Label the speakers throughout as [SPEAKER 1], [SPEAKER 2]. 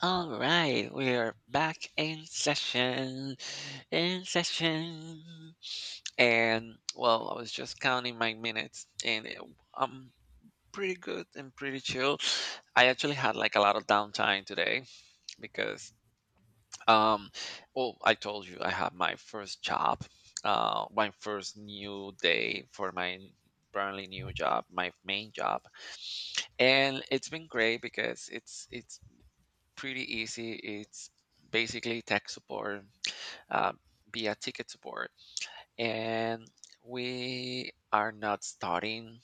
[SPEAKER 1] All right, we're back in session, in session, and well, I was just counting my minutes, I'm pretty good and pretty chill. I actually had like a lot of downtime today because, um, well, I told you I had my first job, my first new day for my brand new job, my main job, and it's been great because it's pretty easy. It's basically tech support uh, via ticket support. And we are not starting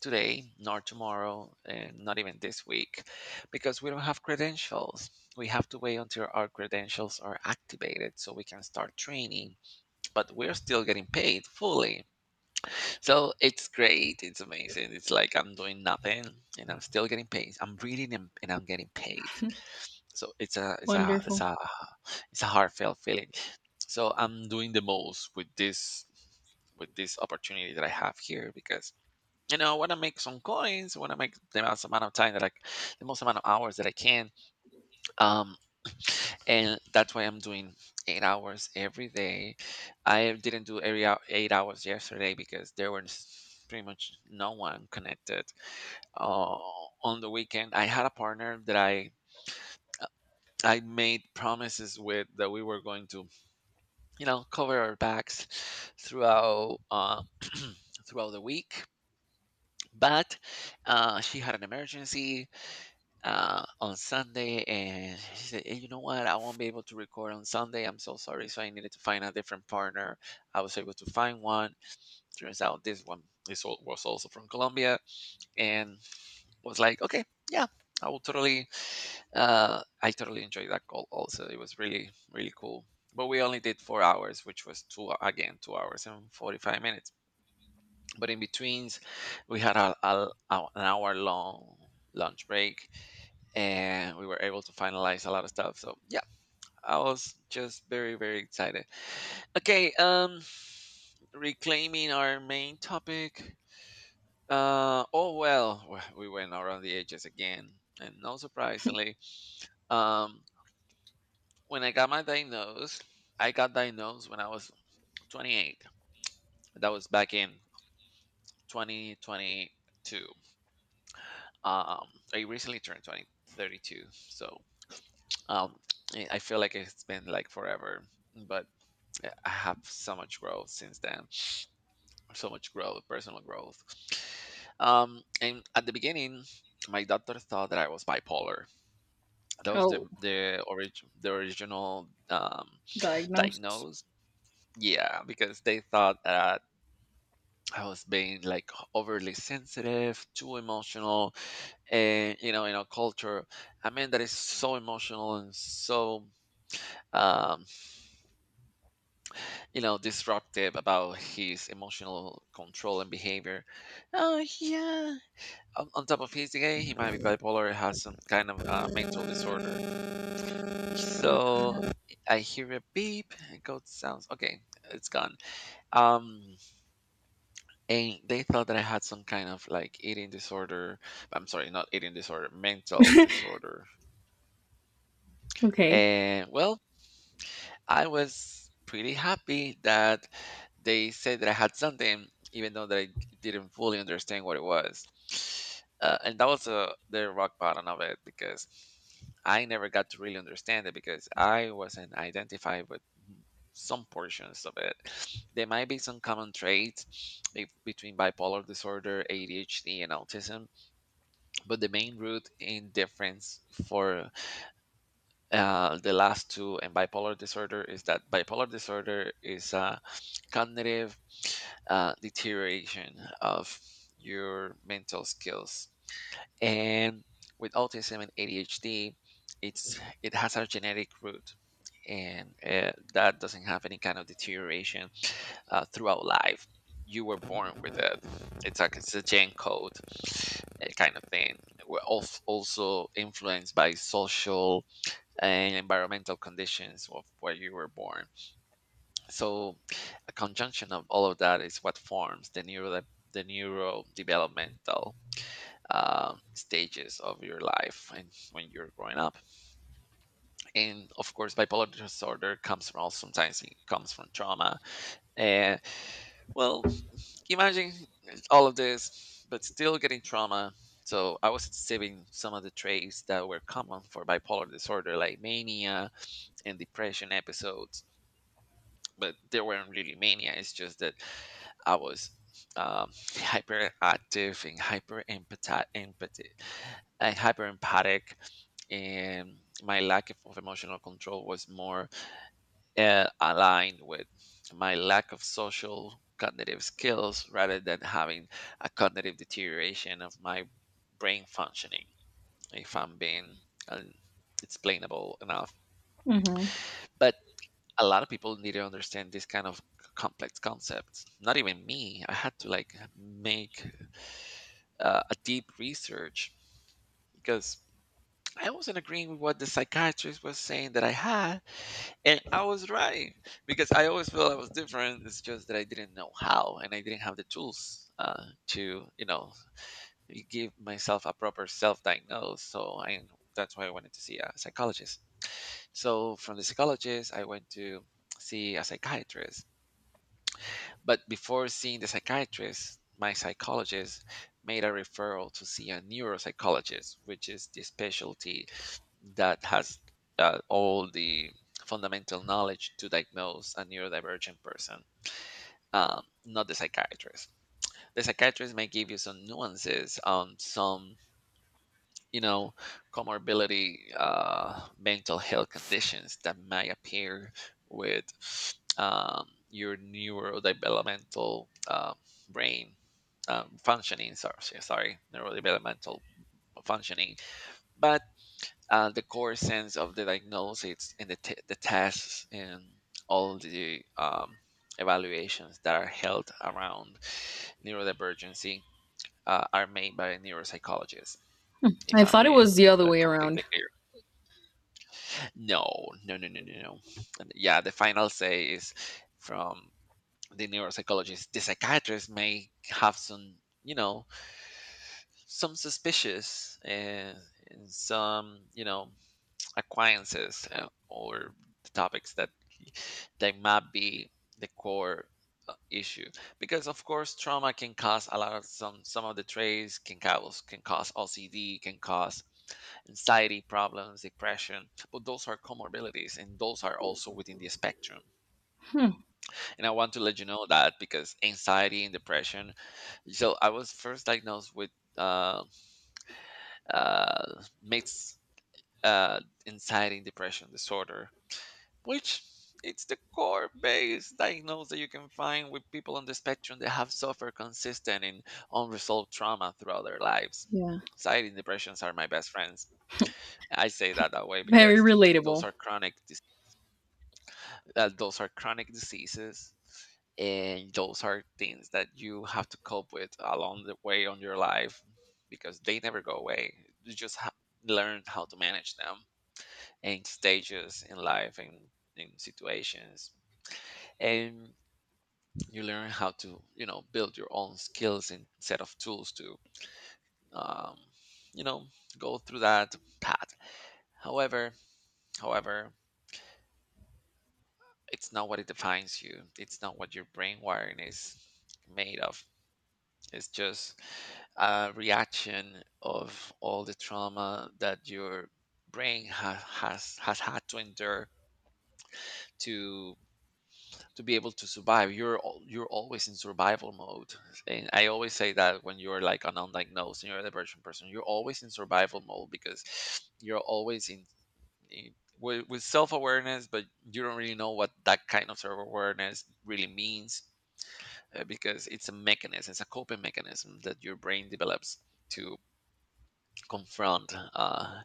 [SPEAKER 1] today, nor tomorrow, and not even this week, because we don't have credentials. We have to wait until our credentials are activated so we can start training, but we're still getting paid fully. So it's great. It's amazing. It's like I'm doing nothing and I'm still getting paid. I'm reading and I'm getting paid, so it's a it's a it's
[SPEAKER 2] Wonderful.
[SPEAKER 1] a it's a heartfelt feeling. So I'm doing the most with this opportunity that I have here, because I want to make some coins, I want to make the most amount of hours that I can. Um, and that's why I'm doing 8 hours every day. I didn't do 8 hours yesterday because there was pretty much no one connected. Uh, on the weekend, I had a partner that I made promises with that we were going to cover our backs throughout throughout the week, but she had an emergency on Sunday, and she said, "Eh, you know what, I won't be able to record on Sunday, I'm so sorry." So I needed to find a different partner. I was able to find one. Turns out this one was also from Colombia, and was like, okay, yeah, I will totally... I totally enjoyed that call. Also, it was really really cool. But we only did 4 hours, which was 2 hours and 45 minutes. But in betweens, we had an hour long lunch break, and we were able to finalize a lot of stuff. So yeah, I was just very very excited. Okay, reclaiming our main topic. Oh well, we went around the edges again, and no surprisingly. Um, When I got my diagnosed, I got diagnosed when I was 28. That was back in 2022. Um, I recently turned 32. So um, I feel like it's been like forever, but I have so much growth since then. So much growth, personal growth. And at the beginning, my doctor thought that I was bipolar. That was the
[SPEAKER 2] Oh,
[SPEAKER 1] the orig- the original
[SPEAKER 2] diagnosed.
[SPEAKER 1] diagnosed. Yeah, because they thought that I was being like overly sensitive, too emotional, and in our culture, a man that is so emotional and so um, disruptive about his emotional control and behavior. Oh yeah. On top of he's gay, he might be bipolar, has some kind of mental disorder. So I hear a beep. I go sounds okay. It's gone. Um, and they thought that I had some kind of like eating disorder. I'm sorry, not eating disorder, mental disorder.
[SPEAKER 2] Okay.
[SPEAKER 1] And well, I was pretty happy that they said that I had something, even though that I didn't fully understand what it was. And that was the rock bottom of it, because I never got to really understand it, because I wasn't identified with mm, some portions of it. There might be some common traits between bipolar disorder, ADHD, and autism, but the main root in difference for the last two and bipolar disorder is that bipolar disorder is a cognitive deterioration of your mental skills, and with autism and ADHD, it has a genetic root, and that doesn't have any kind of deterioration throughout life. You were born with it. It's like it's a gen code kind of thing. We're also influenced by social and environmental conditions of where you were born. So, a conjunction of all of that is what forms the neurodevelopmental stages of your life and when you're growing up. And of course, bipolar disorder comes from, also sometimes it comes from trauma. And well, imagine all of this, but still getting trauma. So I was exhibiting some of the traits that were common for bipolar disorder, like mania and depression episodes, but there weren't really many. It's just that I was hyperactive and hyper empathy, and hyper empathic, and my lack of emotional control was more aligned with my lack of social cognitive skills, rather than having a cognitive deterioration of my brain functioning, if I'm being uh, explainable enough.
[SPEAKER 2] Hmm.
[SPEAKER 1] But a lot of people need to understand this kind of complex concepts. Not even me, I had to like make a deep research, because I wasn't agreeing with what the psychiatrist was saying that I had, and I was right, because I always felt I was different. It's just that I didn't know how, and I didn't have the tools to give myself a proper self-diagnose, so I that's why I wanted to see a psychologist. So from the psychologist I went to see a psychiatrist. But before seeing the psychiatrist, my psychologist made a referral to see a neuropsychologist, which is the specialty that has all the fundamental knowledge to diagnose a neurodivergent person. Not the psychiatrist. The psychiatrist may give you some nuances on some you know comorbidity mental health conditions that may appear with your neurodevelopmental brain functioning, sorry, neurodevelopmental functioning, but the core sense of the diagnosis and the tests and all the evaluations that are held around neurodivergency are made by neuropsychologists, if
[SPEAKER 2] I
[SPEAKER 1] I'm
[SPEAKER 2] thought it
[SPEAKER 1] being
[SPEAKER 2] was the other way
[SPEAKER 1] completely
[SPEAKER 2] around.
[SPEAKER 1] clear. No, no, no, no, no, no. And yeah, the final say is from the neuropsychologist. The psychiatrist may have some, you know, some suspicious and some, you know, acquaintances or topics that they might be the core issue, because of course trauma can cause a lot of some of the traits, can cause OCD, can cause anxiety problems, depression, but those are comorbidities and those are also within the spectrum.
[SPEAKER 2] Hmm.
[SPEAKER 1] And I want to let you know that because anxiety and depression. So I was first diagnosed with uh, mixed uh, anxiety and depression disorder, which it's the core base diagnosis that you can find with people on the spectrum that have suffered consistent and unresolved trauma throughout their lives.
[SPEAKER 2] Yeah.
[SPEAKER 1] Anxiety and depressions are my best friends. I say that that way
[SPEAKER 2] Very
[SPEAKER 1] because those
[SPEAKER 2] relatable.
[SPEAKER 1] are chronic, diseases, and those are things that you have to cope with along the way on your life, because they never go away, you just learn how to manage them in stages in life and in situations, and you learn how to build your own skills and set of tools to um, you know go through that path. however however, it's not what it defines you, it's not what your brain wiring is made of. It's just a reaction of all the trauma that your brain has had to endure, to be able to survive. You're you're always in survival mode, and I always say that when you're like an undiagnosed and you're a depression person, you're always in survival mode because you're always in. in with, self-awareness, but you don't really know what that kind of self-awareness really means, because it's a coping mechanism that your brain develops to confront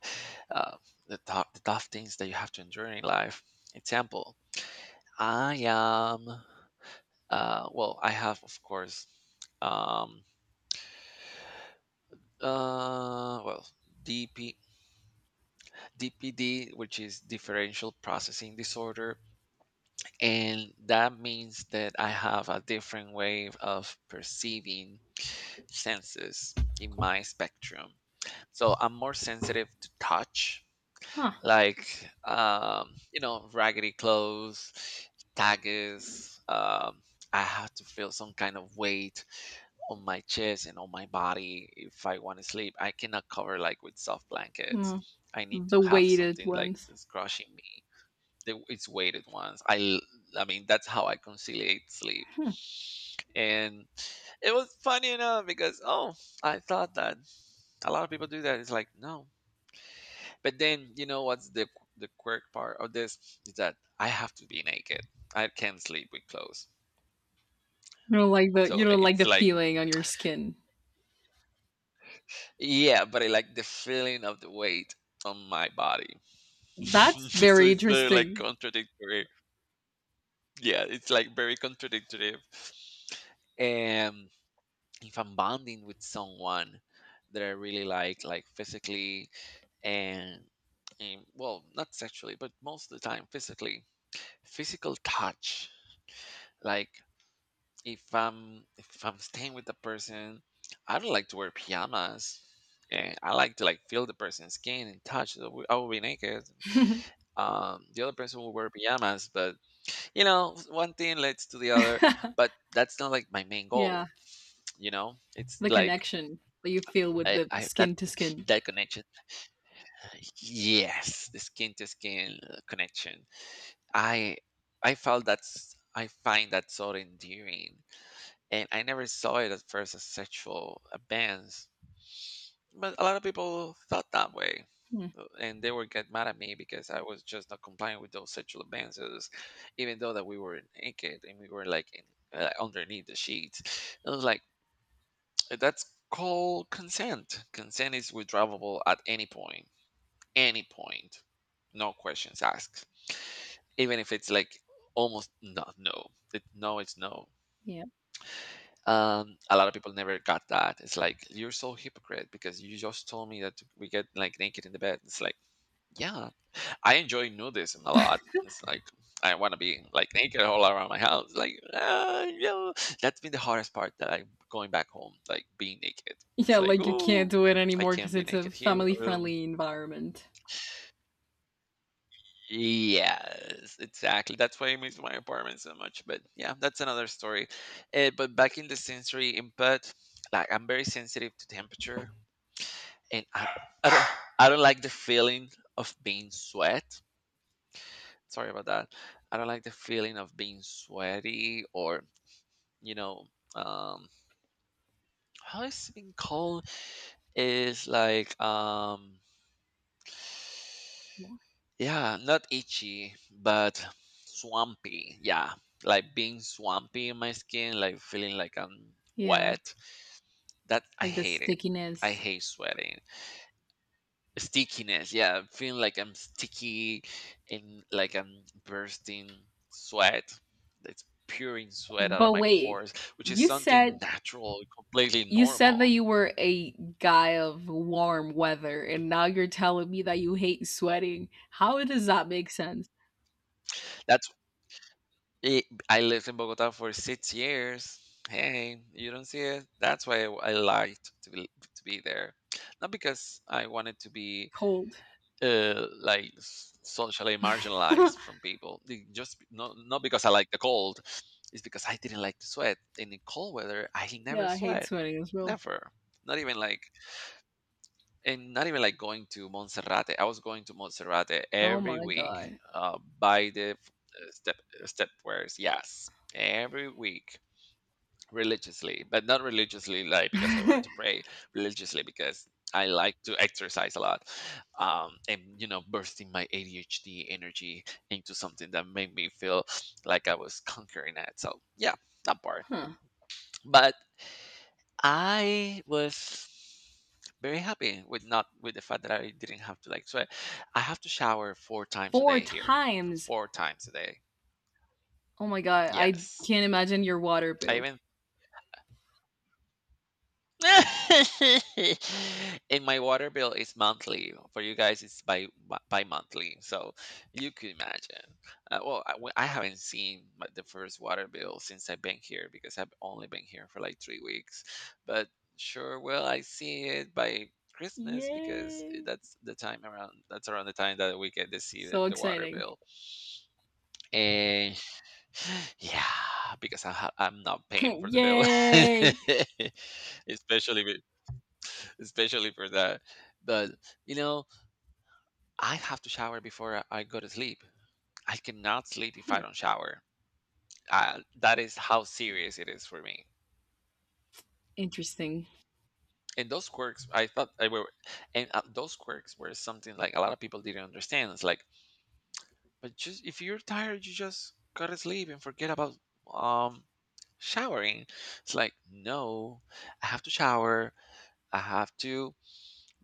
[SPEAKER 1] uh, the tough things that you have to endure in life. Example, I am, well, I have, of course, um, well, DP, DPD, which is differential processing disorder. And that means that I have a different way of perceiving senses in my spectrum. So I'm more sensitive to touch,
[SPEAKER 2] Huh.
[SPEAKER 1] like raggedy clothes, tags. I have to feel some kind of weight on my chest and on my body if I want to sleep. I cannot cover like with soft blankets.
[SPEAKER 2] Mm.
[SPEAKER 1] I need to
[SPEAKER 2] The
[SPEAKER 1] have
[SPEAKER 2] weighted
[SPEAKER 1] something like
[SPEAKER 2] ones.
[SPEAKER 1] it's crushing me. It's weighted ones. I mean that's how I conciliate sleep. And it was funny enough because oh, I thought that a lot of people do that. It's like no, but then you know what's the quirk part of this is that I have to be naked. I can't sleep with clothes.
[SPEAKER 2] You don't like the
[SPEAKER 1] So it's like
[SPEAKER 2] feeling on your skin.
[SPEAKER 1] yeah, but I like the feeling of the weight on my body.
[SPEAKER 2] That's
[SPEAKER 1] So
[SPEAKER 2] very
[SPEAKER 1] it's very like
[SPEAKER 2] interesting.
[SPEAKER 1] contradictory. Yeah, it's like very contradictory. And if I'm bonding with someone that I really like physically and, and, well, not sexually, but most of the time physically, physical touch, like if I'm staying with the person, I don't like to wear pajamas. And I like to like feel the person's skin and touch. So I will be naked. The other person will wear pajamas, but one thing leads to the other. But that's not like my main
[SPEAKER 2] yeah.
[SPEAKER 1] goal. You know, it's
[SPEAKER 2] The
[SPEAKER 1] like
[SPEAKER 2] connection that you feel with the
[SPEAKER 1] I that
[SPEAKER 2] skin to skin.
[SPEAKER 1] that connection. Yes, the skin to skin connection. I I felt that's I find that so endearing, and I never saw it at first as sexual advance, but a lot of people thought that way.
[SPEAKER 2] Hmm.
[SPEAKER 1] And they would get mad at me because I was just not complying with those sexual advances, even though that we were naked and we were like in, underneath the sheets. I was like, that's called consent. Consent is withdrawable at any point, no questions asked, even if it's like almost no, no, it, no, it's no.
[SPEAKER 2] Yeah.
[SPEAKER 1] A lot of people never got that. It's like, you're so hypocrite because you just told me that we get like naked in the bed. It's like, yeah, I enjoy nudism a lot. It's like, I want to be like naked all around my house. Like, yeah. That's been the hardest part, that I'm going back home, like being naked. It's
[SPEAKER 2] Yeah,
[SPEAKER 1] like,
[SPEAKER 2] like you can't
[SPEAKER 1] oh,
[SPEAKER 2] do it
[SPEAKER 1] I
[SPEAKER 2] anymore
[SPEAKER 1] can't
[SPEAKER 2] because
[SPEAKER 1] be
[SPEAKER 2] it's a
[SPEAKER 1] naked here.
[SPEAKER 2] family
[SPEAKER 1] um,
[SPEAKER 2] friendly environment.
[SPEAKER 1] yes, exactly, that's why I miss my apartment so much. But yeah, that's another story. But back in the sensory input, like I'm very sensitive to temperature and I, I don't I don't like the feeling of being sweat. Sorry about that. I don't like the feeling of being sweaty or you know um how is it being called, is like yeah, not itchy but swampy, yeah, like being swampy in my skin, like feeling like I'm
[SPEAKER 2] Yeah.
[SPEAKER 1] wet, that I
[SPEAKER 2] Like the
[SPEAKER 1] hate it. I
[SPEAKER 2] stickiness.
[SPEAKER 1] hate sweating. Stickiness, yeah, I'm feeling like I'm sticky, and like I'm bursting sweat. It's pouring sweat out of
[SPEAKER 2] But
[SPEAKER 1] my
[SPEAKER 2] wait,
[SPEAKER 1] pores, which is
[SPEAKER 2] you
[SPEAKER 1] something
[SPEAKER 2] said
[SPEAKER 1] natural, completely
[SPEAKER 2] that
[SPEAKER 1] normal.
[SPEAKER 2] you were a guy of warm weather, and now you're telling me that you hate sweating. How does that make sense?
[SPEAKER 1] That's it. I lived in Bogota for 6 years. Hey, you don't see it. That's why I liked to be there, not because I wanted to be
[SPEAKER 2] Cold.
[SPEAKER 1] like socially marginalized from people. They just not because I like the cold, it's because I didn't like to sweat. And in cold weather, I never
[SPEAKER 2] Yeah, I hate
[SPEAKER 1] sweat,
[SPEAKER 2] sweating as well.
[SPEAKER 1] never. Not even like And not even like going to Monserrate. I was going to Monserrate
[SPEAKER 2] Oh
[SPEAKER 1] every
[SPEAKER 2] my
[SPEAKER 1] week
[SPEAKER 2] god.
[SPEAKER 1] uh, by the f- uh, step stepwares. Yes, every week religiously, but not religiously like because I wanted
[SPEAKER 2] huh.
[SPEAKER 1] to pray, religiously because I like to exercise a lot. And you know, bursting my ADHD energy into something that made me feel like I was conquering it. So yeah, that part. But I was very happy with not with the fact that I didn't have to like sweat. I have to shower four times a
[SPEAKER 2] Four
[SPEAKER 1] day here.
[SPEAKER 2] times.
[SPEAKER 1] Four times a day.
[SPEAKER 2] Oh my god, I
[SPEAKER 1] Yes.
[SPEAKER 2] can't imagine your water
[SPEAKER 1] I
[SPEAKER 2] bill.
[SPEAKER 1] even and my water bill is monthly. For you guys, it's bi monthly. So you could imagine. Well, I haven't seen the first water bill since I've been here because I've only been here for like 3 weeks. But sure, will I see it by Christmas, because
[SPEAKER 2] Yay.
[SPEAKER 1] that's the time around. That's around the time that we get to see
[SPEAKER 2] So
[SPEAKER 1] the water
[SPEAKER 2] exciting.
[SPEAKER 1] bill. And yeah, because I'm not paying for the bill,
[SPEAKER 2] Yay.
[SPEAKER 1] especially. Especially for that. But you know, I have to shower before I go to sleep. I cannot sleep if I
[SPEAKER 2] Hmm.
[SPEAKER 1] don't shower. That is how serious it is for me.
[SPEAKER 2] Interesting.
[SPEAKER 1] And those quirks, I thought I were, and those quirks were something like a lot of people didn't understand. It's like, but just if you're tired, you just gotta sleep and forget about um showering. It's like, no, I have to shower. I have to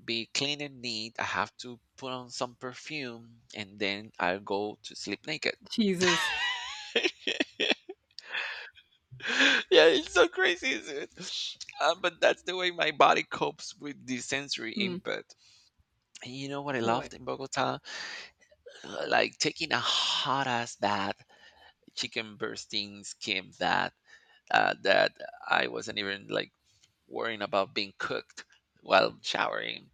[SPEAKER 1] be clean and neat. I have to put on some perfume and then I'll go to sleep naked.
[SPEAKER 2] Jesus.
[SPEAKER 1] Yeah, it's so crazy, isn't it? But that's the way my body copes with the sensory
[SPEAKER 2] Hmm.
[SPEAKER 1] input. And you know what I loved
[SPEAKER 2] What?
[SPEAKER 1] in Bogota? Like taking a hot ass bath, chicken bursting skin bath. That I wasn't even like worrying about being cooked while showering,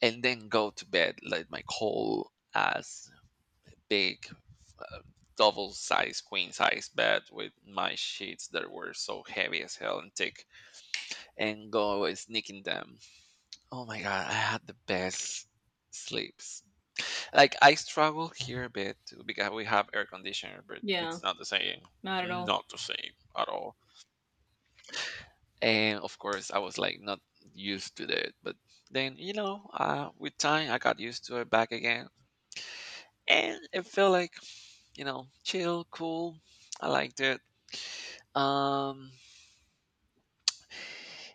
[SPEAKER 1] and then go to bed like my whole ass big double size queen size bed with my sheets that were so heavy as hell and thick, and go sneaking them. Oh my god, I had the best sleeps. Like I struggle here a bit too, because we have air conditioner, but
[SPEAKER 2] Yeah,
[SPEAKER 1] it's not the same.
[SPEAKER 2] not at all.
[SPEAKER 1] Not the same at all. And of course I was like not used to it, but then you know with time I got used to it back again, and it felt like, you know, chill, cool, I liked it. um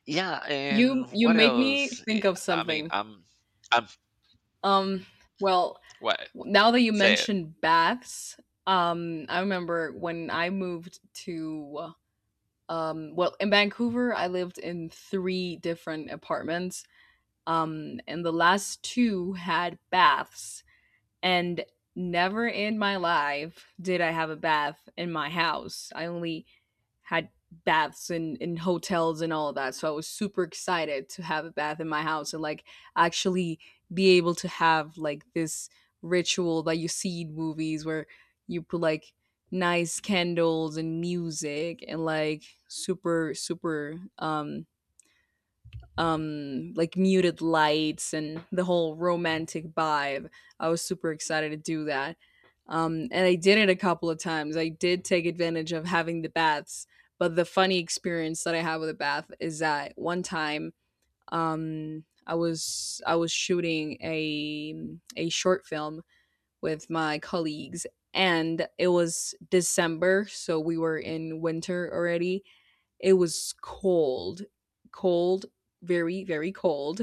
[SPEAKER 1] yeah, and
[SPEAKER 2] You
[SPEAKER 1] what
[SPEAKER 2] made
[SPEAKER 1] else.
[SPEAKER 2] me think of
[SPEAKER 1] I mean
[SPEAKER 2] something.
[SPEAKER 1] I'm
[SPEAKER 2] Um, well,
[SPEAKER 1] What?
[SPEAKER 2] now that you
[SPEAKER 1] Say it.
[SPEAKER 2] mentioned baths, I remember when I moved to well, in Vancouver, I lived in three different apartments. And the last two had baths, and never in my life did I have a bath in my house. I only had baths and in hotels and all of that. So I was super excited to have a bath in my house and like actually be able to have like this ritual that you see in movies where you put like nice candles and music and like super super like muted lights and the whole romantic vibe. I was super excited to do that. And I did it a couple of times. I did take advantage of having the baths, but the funny experience that I had with a bath is that one time I was shooting a short film with my colleagues and it was December, so we were in winter already. It was cold, cold, very, very cold.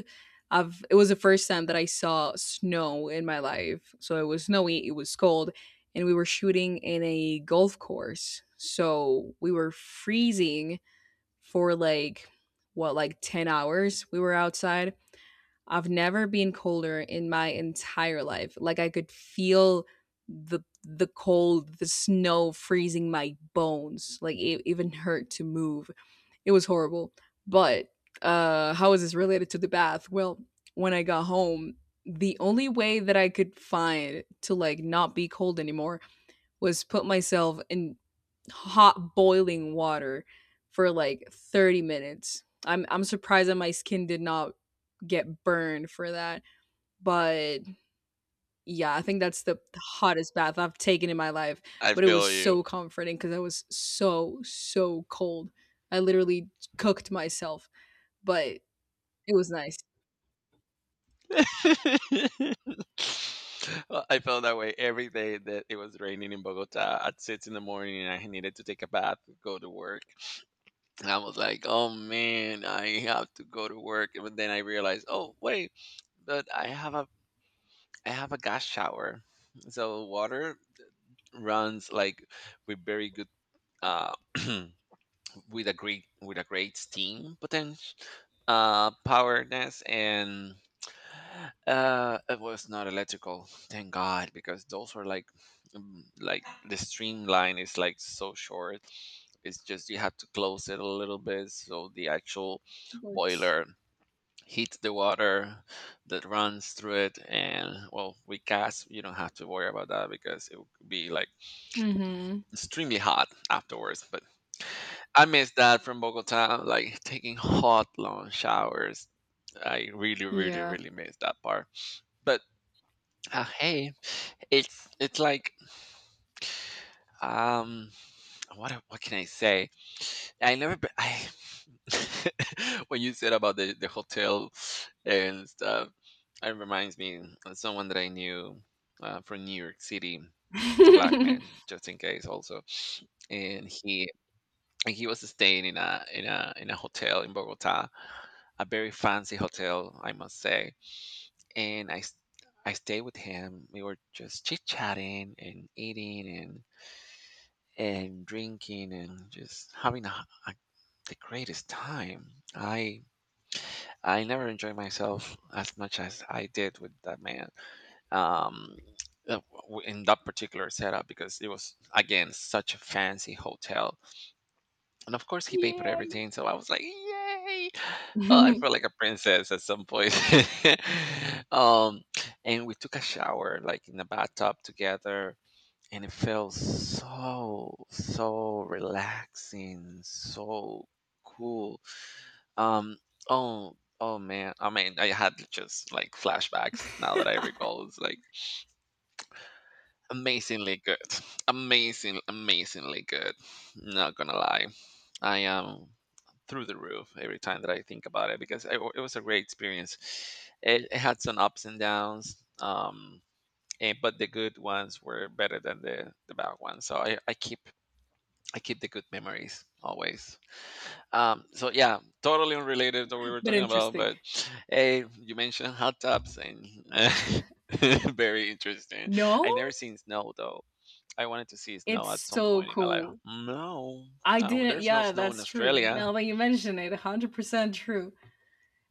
[SPEAKER 2] I've, it was the first time that I saw snow in my life. So it was snowy, it was cold, and we were shooting in a golf course. So we were freezing for like, what, like 10 hours we were outside. I've never been colder in my entire life. Like I could feel the cold, the snow freezing my bones. Like it even hurt to move. It was horrible. But how is this related to the bath? Well, when I got home, the only way that I could find to like not be cold anymore was put myself in hot boiling water for like 30 minutes. I'm surprised that my skin did not get burned for that. But yeah, I think that's the hottest bath I've taken in my life.
[SPEAKER 1] I
[SPEAKER 2] But it
[SPEAKER 1] feel
[SPEAKER 2] was
[SPEAKER 1] you.
[SPEAKER 2] so comforting because I was so, so cold. I literally cooked myself, but it was nice.
[SPEAKER 1] Well, I felt that way every day that it was raining in Bogota at six in the morning and I needed to take a bath, go to work. And I was like, oh man, I have to go to work. But then I realized, oh wait, but I have a gas shower. So water runs like with very good uh with a great steam potential powerness. And it was not electrical, thank God, because those were like, like the streamline is like so short. It's just you have to close it a little bit so the actual
[SPEAKER 2] Works.
[SPEAKER 1] boiler heats the water that runs through it. And well, with gas you don't have to worry about that because it would be like
[SPEAKER 2] Mm-hmm.
[SPEAKER 1] extremely hot afterwards. But I miss that from Bogota, like taking hot long showers. I really, really,
[SPEAKER 2] Yeah.
[SPEAKER 1] really miss that part. But hey, it's like um what can I say? I never b- I when you said about the hotel and stuff, it reminds me of someone that I knew from New York City, a black man, just in case also, and he was staying in a in a in a hotel in Bogota, a very fancy hotel, I must say, and I. s- I stayed with him. We were just chit chatting and eating and drinking and just having the greatest time. I never enjoyed myself as much as I did with that man. Um, uh, in that particular setup, because it was again such a fancy hotel, and of course he paid for
[SPEAKER 2] Yeah.
[SPEAKER 1] everything. So I was like, yay!
[SPEAKER 2] but
[SPEAKER 1] Oh, I felt like a princess at some point. um, and we took a shower like in the bathtub together, and it felt so so relaxing, so cool. um oh, oh man, I mean, I had just like flashbacks now that I recall. It's like amazingly good. Amazingly good, not gonna lie. I am through the roof every time that I think about it, because it was a great experience. It had some ups and downs. But the good ones were better than the bad ones, so I keep the good memories always. So yeah, totally unrelated to what we were talking about,
[SPEAKER 2] interesting.
[SPEAKER 1] but hey, you mentioned hot tubs and very interesting.
[SPEAKER 2] No,
[SPEAKER 1] I never seen snow though. I wanted to see snow
[SPEAKER 2] it's
[SPEAKER 1] at some
[SPEAKER 2] so
[SPEAKER 1] point in my life.
[SPEAKER 2] cool.
[SPEAKER 1] No,
[SPEAKER 2] I
[SPEAKER 1] no,
[SPEAKER 2] didn't.
[SPEAKER 1] there's no
[SPEAKER 2] Yeah,
[SPEAKER 1] snow in
[SPEAKER 2] that's true.
[SPEAKER 1] Australia.
[SPEAKER 2] Now that you mention it, 100% true.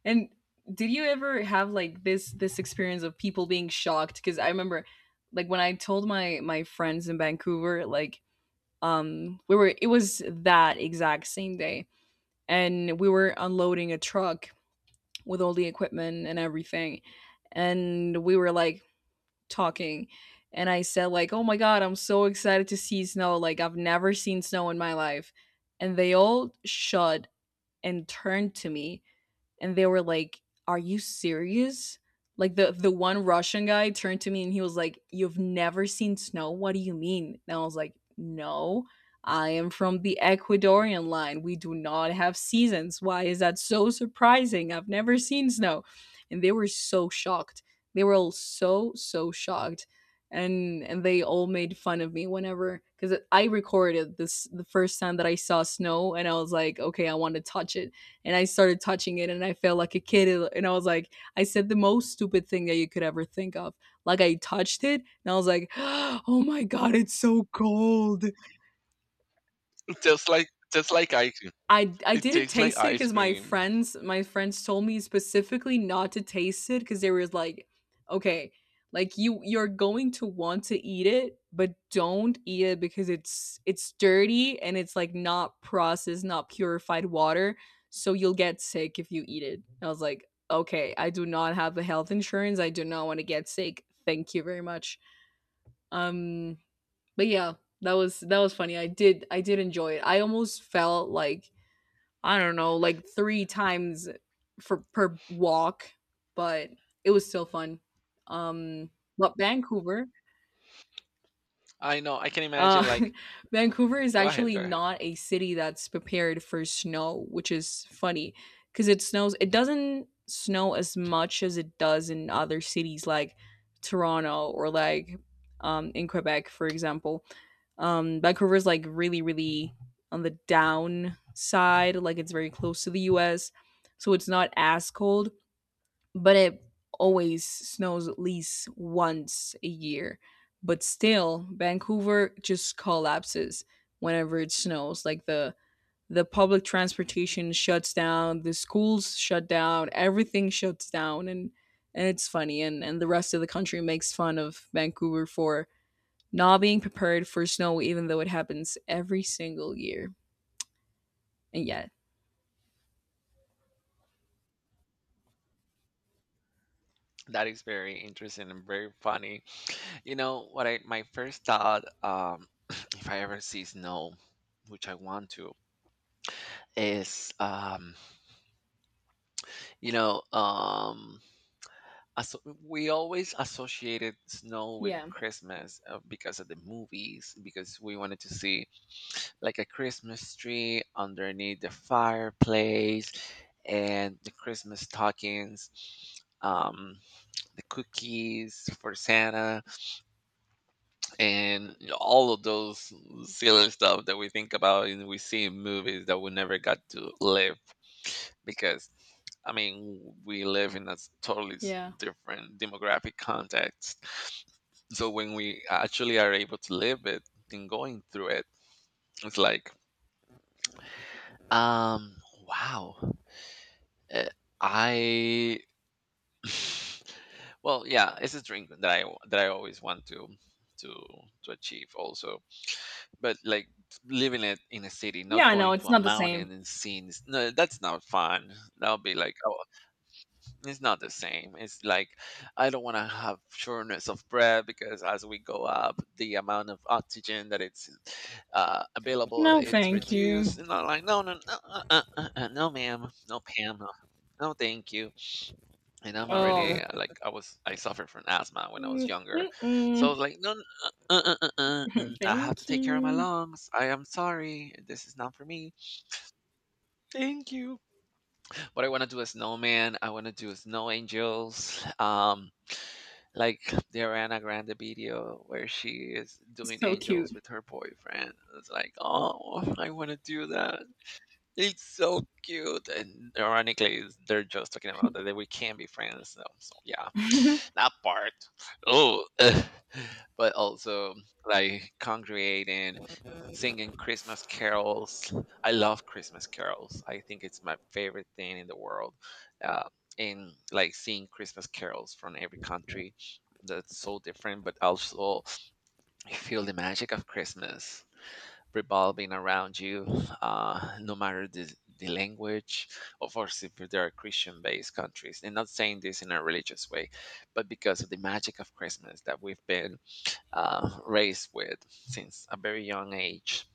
[SPEAKER 2] And did you ever have like this experience of people being shocked? Because I remember, like when I told my friends in Vancouver, like we were it was that exact same day, and we were unloading a truck with all the equipment and everything. And we were like talking and I said like, "Oh my god, I'm so excited to see snow. Like I've never seen snow in my life." And they all shut and turned to me and they were like, "Are you serious?" Like the one Russian guy turned to me and he was like, "You've never seen snow? What do you mean?" And I was like, "No, I am from the Ecuadorian line. We do not have seasons. Why is that so surprising? I've never seen snow." And they were so shocked. They were all so so shocked. And they all made fun of me whenever cuz I recorded this the first time that I saw snow and I was like, "Okay, I want to touch it." And I started touching it and I felt like a kid and I was like I said the most stupid thing that you could ever think of. Like I touched it and I was like, "Oh my god, it's so cold."
[SPEAKER 1] Just like just like ice cream.
[SPEAKER 2] I
[SPEAKER 1] It
[SPEAKER 2] didn't
[SPEAKER 1] tastes like
[SPEAKER 2] taste it
[SPEAKER 1] ice
[SPEAKER 2] because my
[SPEAKER 1] cream.
[SPEAKER 2] friends told me specifically not to taste it because they were like, "Okay, like, you 're going to want to eat it, but don't eat it because it's dirty and it's, like, not processed, not purified water, so you'll get sick if you eat it." I was like, "Okay, I do not have a health insurance, I do not wanna get sick, thank you very much." Um, but yeah, that was funny. I did enjoy it. I almost felt like I don't know, like three times for per walk, but it was still fun. Um, but Vancouver
[SPEAKER 1] I know. I can imagine.
[SPEAKER 2] uh,
[SPEAKER 1] Like,
[SPEAKER 2] Vancouver is
[SPEAKER 1] go ahead,
[SPEAKER 2] actually
[SPEAKER 1] go ahead.
[SPEAKER 2] not a city that's prepared for snow, which is funny because it snows. It doesn't snow as much as it does in other cities like Toronto or like in Quebec, for example. Vancouver is like really, really on the down side. Like it's very close to the U.S., so it's not as cold but it always snows at least once a year. But still, Vancouver just collapses whenever it snows. Like the public transportation shuts down, the schools shut down, everything shuts down and it's funny and, the rest of the country makes fun of Vancouver for not being prepared for snow even though it happens every single year. And yet.
[SPEAKER 1] That is very interesting and very funny. You know what? I My first thought, if I ever see snow, which I want to, is you know, we always associated snow with
[SPEAKER 2] Yeah.
[SPEAKER 1] Christmas, because of the movies, because we wanted to see like a Christmas tree underneath the fireplace and the Christmas stockings, um, the cookies for Santa and all of those silly stuff that we think about and we see in movies that we never got to live, because I mean we live in a totally
[SPEAKER 2] Yeah.
[SPEAKER 1] different demographic context. So when we actually are able to live it and going through it, it's like um wow. eh, I Well, yeah, it's a dream that I always want to to achieve also, but like living it in a city, not
[SPEAKER 2] Yeah, I know
[SPEAKER 1] going
[SPEAKER 2] it's
[SPEAKER 1] to a
[SPEAKER 2] not the same.
[SPEAKER 1] mountain and seeing no, that's not fun. That'll be like, oh, it's not the same. It's like I don't want to have shortness of breath, because as we go up, the amount of oxygen that it's available,
[SPEAKER 2] No,
[SPEAKER 1] it's
[SPEAKER 2] thank you.
[SPEAKER 1] reduced. And I'm like, no, no, no, no, ma'am, no, Pam, no, no, thank you. And I'm already
[SPEAKER 2] Oh.
[SPEAKER 1] like I suffered from asthma when I was
[SPEAKER 2] Mm.
[SPEAKER 1] younger, so I was
[SPEAKER 2] Mm-mm.
[SPEAKER 1] like, no, n- and I have to
[SPEAKER 2] Thank
[SPEAKER 1] take care of my
[SPEAKER 2] you.
[SPEAKER 1] lungs. I am sorry, this is not for me. Thank you. But I want to do a snowman. I want to do snow angels. Like the Ariana Grande video where she is doing
[SPEAKER 2] So cute.
[SPEAKER 1] angels with her boyfriend. It's like, oh, I want to do that. It's so cute, and ironically, they're just talking about that, that we can be friends. So yeah, that part. Oh, but also like congregating, singing Christmas carols. I love Christmas carols. I think it's my favorite thing in the world. Uh, and like seeing Christmas carols from every country, that's so different. But also, you feel the magic of Christmas revolving around you, no matter the language. Of course, if there are Christian based countries, and not saying this in a religious way, but because of the magic of Christmas that we've been raised with since a very young age.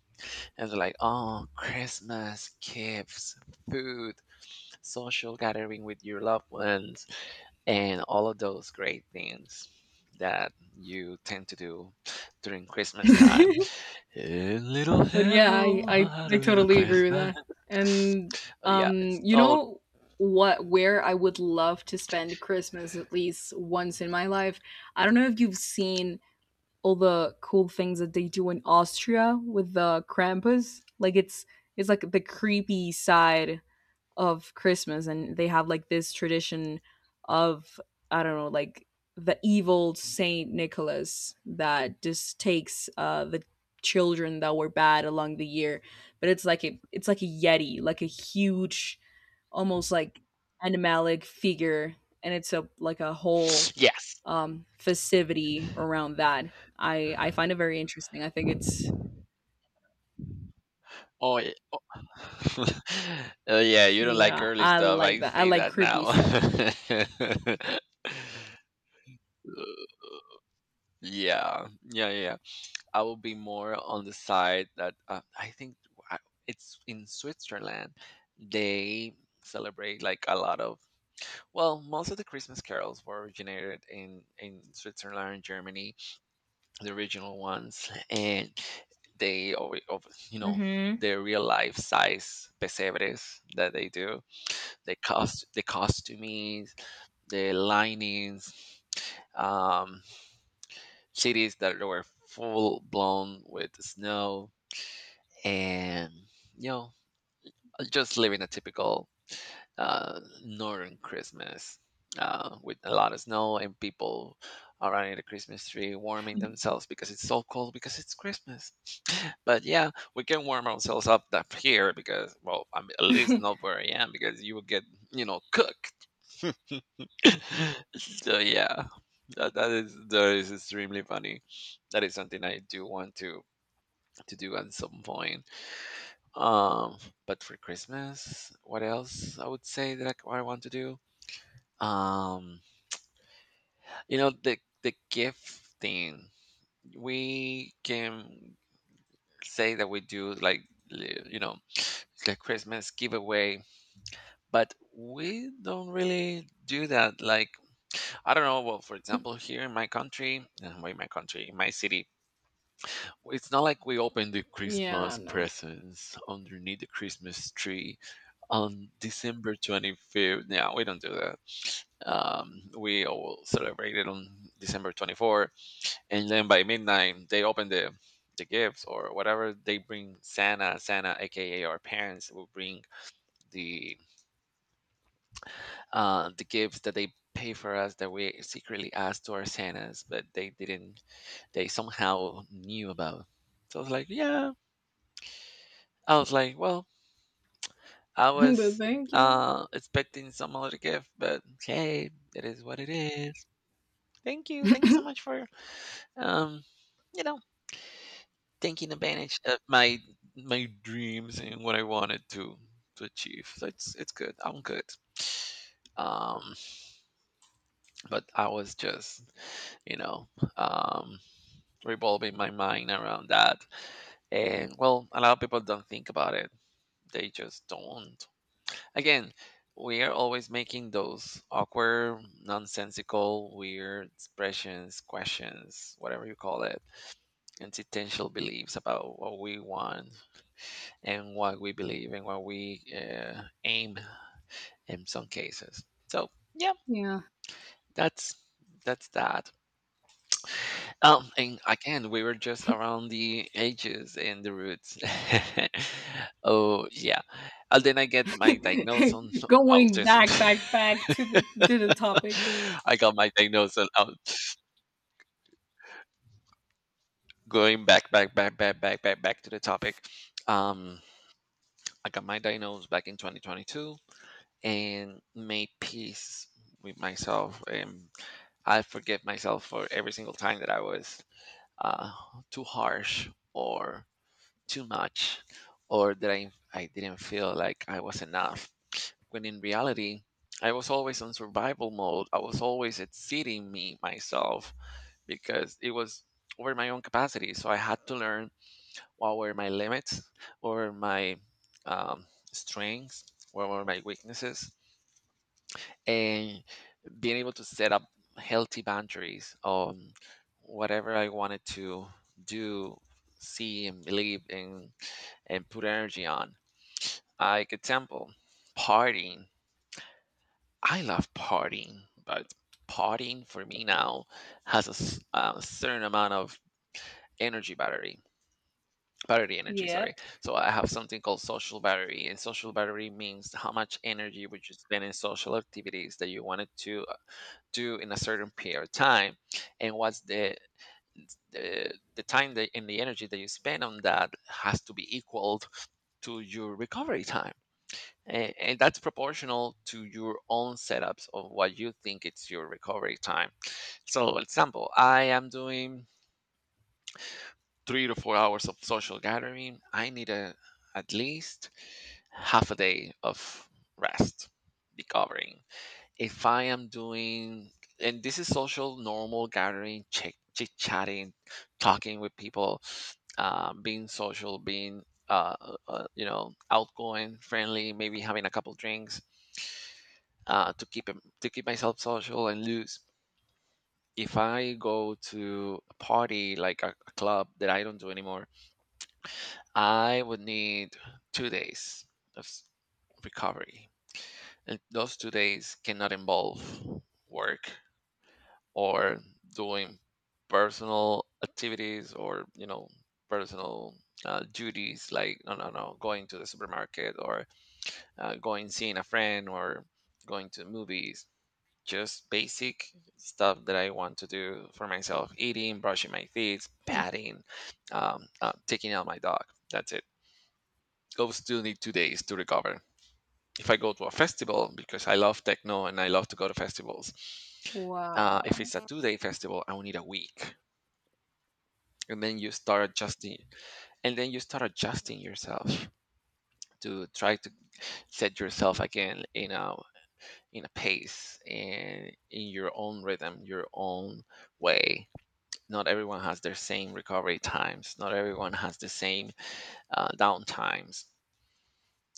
[SPEAKER 1] And it's like, oh, Christmas, gifts, food, social gathering with your loved ones, and all of those great things that you tend to do during Christmas time. A little
[SPEAKER 2] But yeah,
[SPEAKER 1] help, I had
[SPEAKER 2] I
[SPEAKER 1] a little
[SPEAKER 2] totally agree with
[SPEAKER 1] Christmas.
[SPEAKER 2] that. And
[SPEAKER 1] Oh, yeah, it's
[SPEAKER 2] um, you
[SPEAKER 1] all
[SPEAKER 2] know what, where I would love to spend Christmas at least once in my life. I don't know if you've seen all the cool things that they do in Austria with the Krampus. Like it's like the creepy side of Christmas and they have like this tradition of I don't know like the evil Saint Nicholas that just takes the children that were bad along the year but it's like a yeti like a huge almost like animalic figure and it's a like a whole
[SPEAKER 1] yes.
[SPEAKER 2] festivity around that. I find it very interesting. I think it's
[SPEAKER 1] Oh, yeah. Oh. Oh, yeah, you don't like
[SPEAKER 2] yeah
[SPEAKER 1] girly
[SPEAKER 2] I
[SPEAKER 1] stuff.
[SPEAKER 2] like
[SPEAKER 1] I
[SPEAKER 2] that. I
[SPEAKER 1] see
[SPEAKER 2] like
[SPEAKER 1] that
[SPEAKER 2] creepy
[SPEAKER 1] now.
[SPEAKER 2] stuff.
[SPEAKER 1] Yeah, yeah, yeah. I will be more on the side that I think I- it's in Switzerland. They celebrate like a lot of well, most of the Christmas carols were originated in Switzerland and Germany, the original ones, and they alwa- of you know,
[SPEAKER 2] Hmm.
[SPEAKER 1] the real life size pesebres that they do, the costumings, the linings, um, cities that were full blown with snow, and you know, just living a typical northern Christmas. With a lot of snow and people around the Christmas tree warming themselves because it's so cold because it's Christmas. But yeah, we can warm ourselves up here because, well, I'm at least not where I am because you will get, you know, cooked. So yeah, that is extremely funny. That is something I do want to do at some point. Um, but for Christmas, what else I would say that what I want to do? Um, you know, the gift thing. We can say that we do like you know, the Christmas giveaway, but we don't really do that. Like I don't know, well, for example, here in my country, in my country in my city, it's not like we open the Christmas
[SPEAKER 2] yeah no
[SPEAKER 1] presents underneath the Christmas tree on December 25th. Yeah, we don't do that. We all celebrate it on December 24th, and then by midnight they open the gifts or whatever they bring. Santa, aka our parents, will bring the the gifts that they pay for us that we secretly asked to our Santas, but they didn't. They somehow knew about. So I was like, yeah. I was like, well, I
[SPEAKER 2] But
[SPEAKER 1] was
[SPEAKER 2] thank you.
[SPEAKER 1] expecting some other gift, but hey, it is what it is. Thank you so much for um, you know, taking advantage of my dreams and what I wanted to achieve. So it's good. I'm good. Um, but I was just, you know, um, revolving my mind around that. And well, a lot of people don't think about it. They just don't. Again, we are always making those awkward, nonsensical, weird expressions, questions, whatever you call it, anti-tensional beliefs about what we want and what we believe and what we aim in some cases. So, yeah,
[SPEAKER 2] Yeah.
[SPEAKER 1] that's that's that. And again, we were just around the edges and the roots. Oh yeah, and then I get my diagnosis on
[SPEAKER 2] Going
[SPEAKER 1] autism.
[SPEAKER 2] back, back, back to the topic.
[SPEAKER 1] I got my diagnosis on aut- going back, back to the topic. Um, I got my diagnosis back in 2022 and made peace with myself, and I forgive myself for every single time that I was uh, too harsh or too much or that I didn't feel like I was enough. When in reality, I was always on survival mode. I was always exceeding me myself because it was over my own capacity. So I had to learn what were my limits, what were my um, strengths, what were my weaknesses, and being able to set up healthy boundaries on whatever I wanted to do, see, and believe, and put energy on. Like example, partying. I love partying, but partying for me now has a certain amount of energy battery, battery energy. Sorry.
[SPEAKER 2] Yep.
[SPEAKER 1] So I have something called social battery, and social battery means how much energy would you spend in social activities that you wanted to do in a certain period of time, and what's the time that, and the energy that you spend on that has to be equaled to your recovery time, and that's proportional to your own setups of what you think it's your recovery time. So example, I am doing 3 to 4 hours of social gathering, I need a, at least half a day of rest, recovering. If I am doing, and this is social normal gathering, chit chatting, talking with people, being social, being you know, outgoing, friendly, maybe having a couple drinks, to to keep myself social and loose. If I go to a party like a club that I don't do anymore, I would need 2 days of recovery, and those 2 days cannot involve work or doing personal activities, or you know, personal duties like no no no, going to the supermarket or going, seeing a friend, or going to movies. Just basic stuff that I want to do for myself: eating, brushing my teeth,
[SPEAKER 2] Hmm.
[SPEAKER 1] patting, taking out my dog. That's it. Go, still need 2 days to recover. If I go to a festival, because I love techno and I love to go to festivals, if
[SPEAKER 2] Wow.
[SPEAKER 1] it's a two-day festival, I will need a week, and then you start adjusting, and then you start adjusting yourself to try to set yourself again in a pace and in your own rhythm, your own way. Not everyone has their same recovery times. Not everyone has the same down times,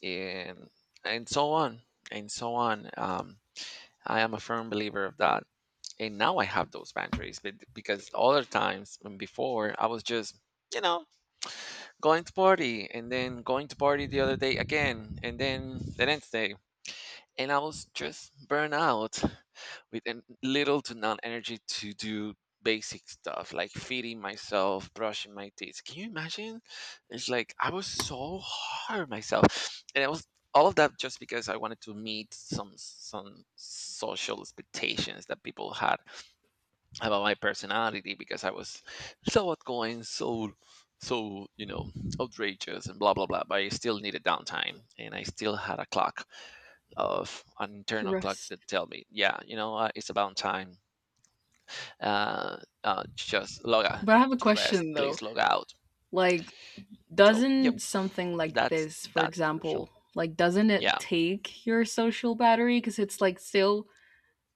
[SPEAKER 1] and and so on and so on. I am a firm believer of that, and now I have those boundaries. But because other times when before I was just you know going to party and then going to party the other day again and then the next day, and I was just burned out with little to none energy to do basic stuff like feeding myself, brushing my teeth. Can you imagine? It's like I was so hard on myself, and I was all of that just because I wanted to meet some social expectations that people had about my personality because I was so outgoing, so so you know, outrageous and blah blah blah. But I still needed downtime, and I still had a clock of an internal clock
[SPEAKER 2] Trust.
[SPEAKER 1] that tell me, yeah, you know what, it's about time. Uh, just log out
[SPEAKER 2] But I have a
[SPEAKER 1] to rest.
[SPEAKER 2] question
[SPEAKER 1] Please
[SPEAKER 2] though.
[SPEAKER 1] log out.
[SPEAKER 2] Like,
[SPEAKER 1] So, yep,
[SPEAKER 2] doesn't something like
[SPEAKER 1] that's
[SPEAKER 2] this, for
[SPEAKER 1] that version.
[SPEAKER 2] example, like doesn't it
[SPEAKER 1] Yeah,
[SPEAKER 2] take your social battery? Because it's like still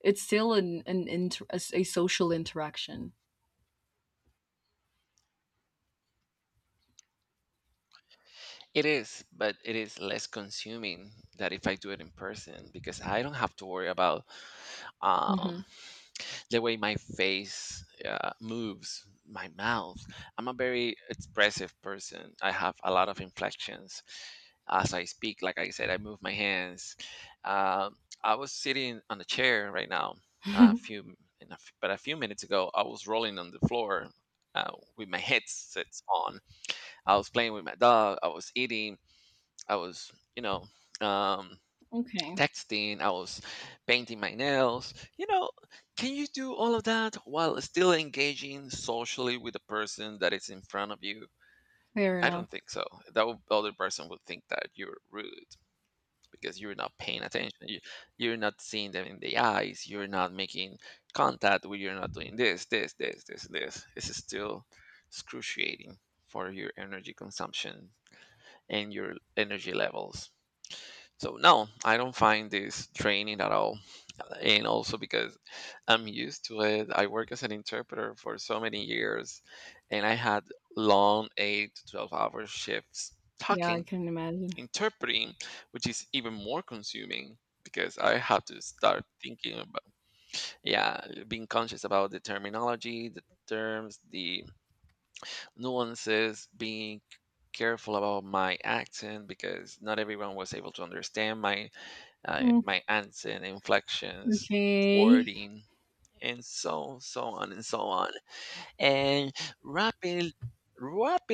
[SPEAKER 2] it's still an a social interaction.
[SPEAKER 1] it is, but it is less consuming than if I do it in person because I don't have to worry about um,
[SPEAKER 2] Hmm.
[SPEAKER 1] the way my face moves, my mouth. I'm a very expressive person. I have a lot of inflections as I speak. Like I said, I move my hands. Um, I was sitting on a chair right now, a few, in a f but a few minutes ago, I was rolling on the floor uh, with my headsets on. I was playing with my dog. I was eating. I was, you know. Um,
[SPEAKER 2] okay.
[SPEAKER 1] texting, I was painting my nails. You know, can you do all of that while still engaging socially with the person that is in front of you?
[SPEAKER 2] Fair
[SPEAKER 1] I
[SPEAKER 2] enough.
[SPEAKER 1] don't think so. That would, other person would think that you're rude because you're not paying attention. You, you're not seeing them in the eyes. You're not making contact. You're not doing this, this, this, this, this. This is still excruciating for your energy consumption and your energy levels. So no, I don't find this draining at all. And also because I'm used to it. I work as an interpreter for so many years and I had long 8 to 12 hour shifts
[SPEAKER 2] Yeah, I
[SPEAKER 1] talking,
[SPEAKER 2] can imagine.
[SPEAKER 1] interpreting, which is even more consuming because I had to start thinking about yeah, being conscious about the terminology, the terms, the nuances, being careful about my accent because not everyone was able to understand my
[SPEAKER 2] Mm.
[SPEAKER 1] my accent, inflections,
[SPEAKER 2] Okay.
[SPEAKER 1] wording, and so so on. And wrapping, wrapping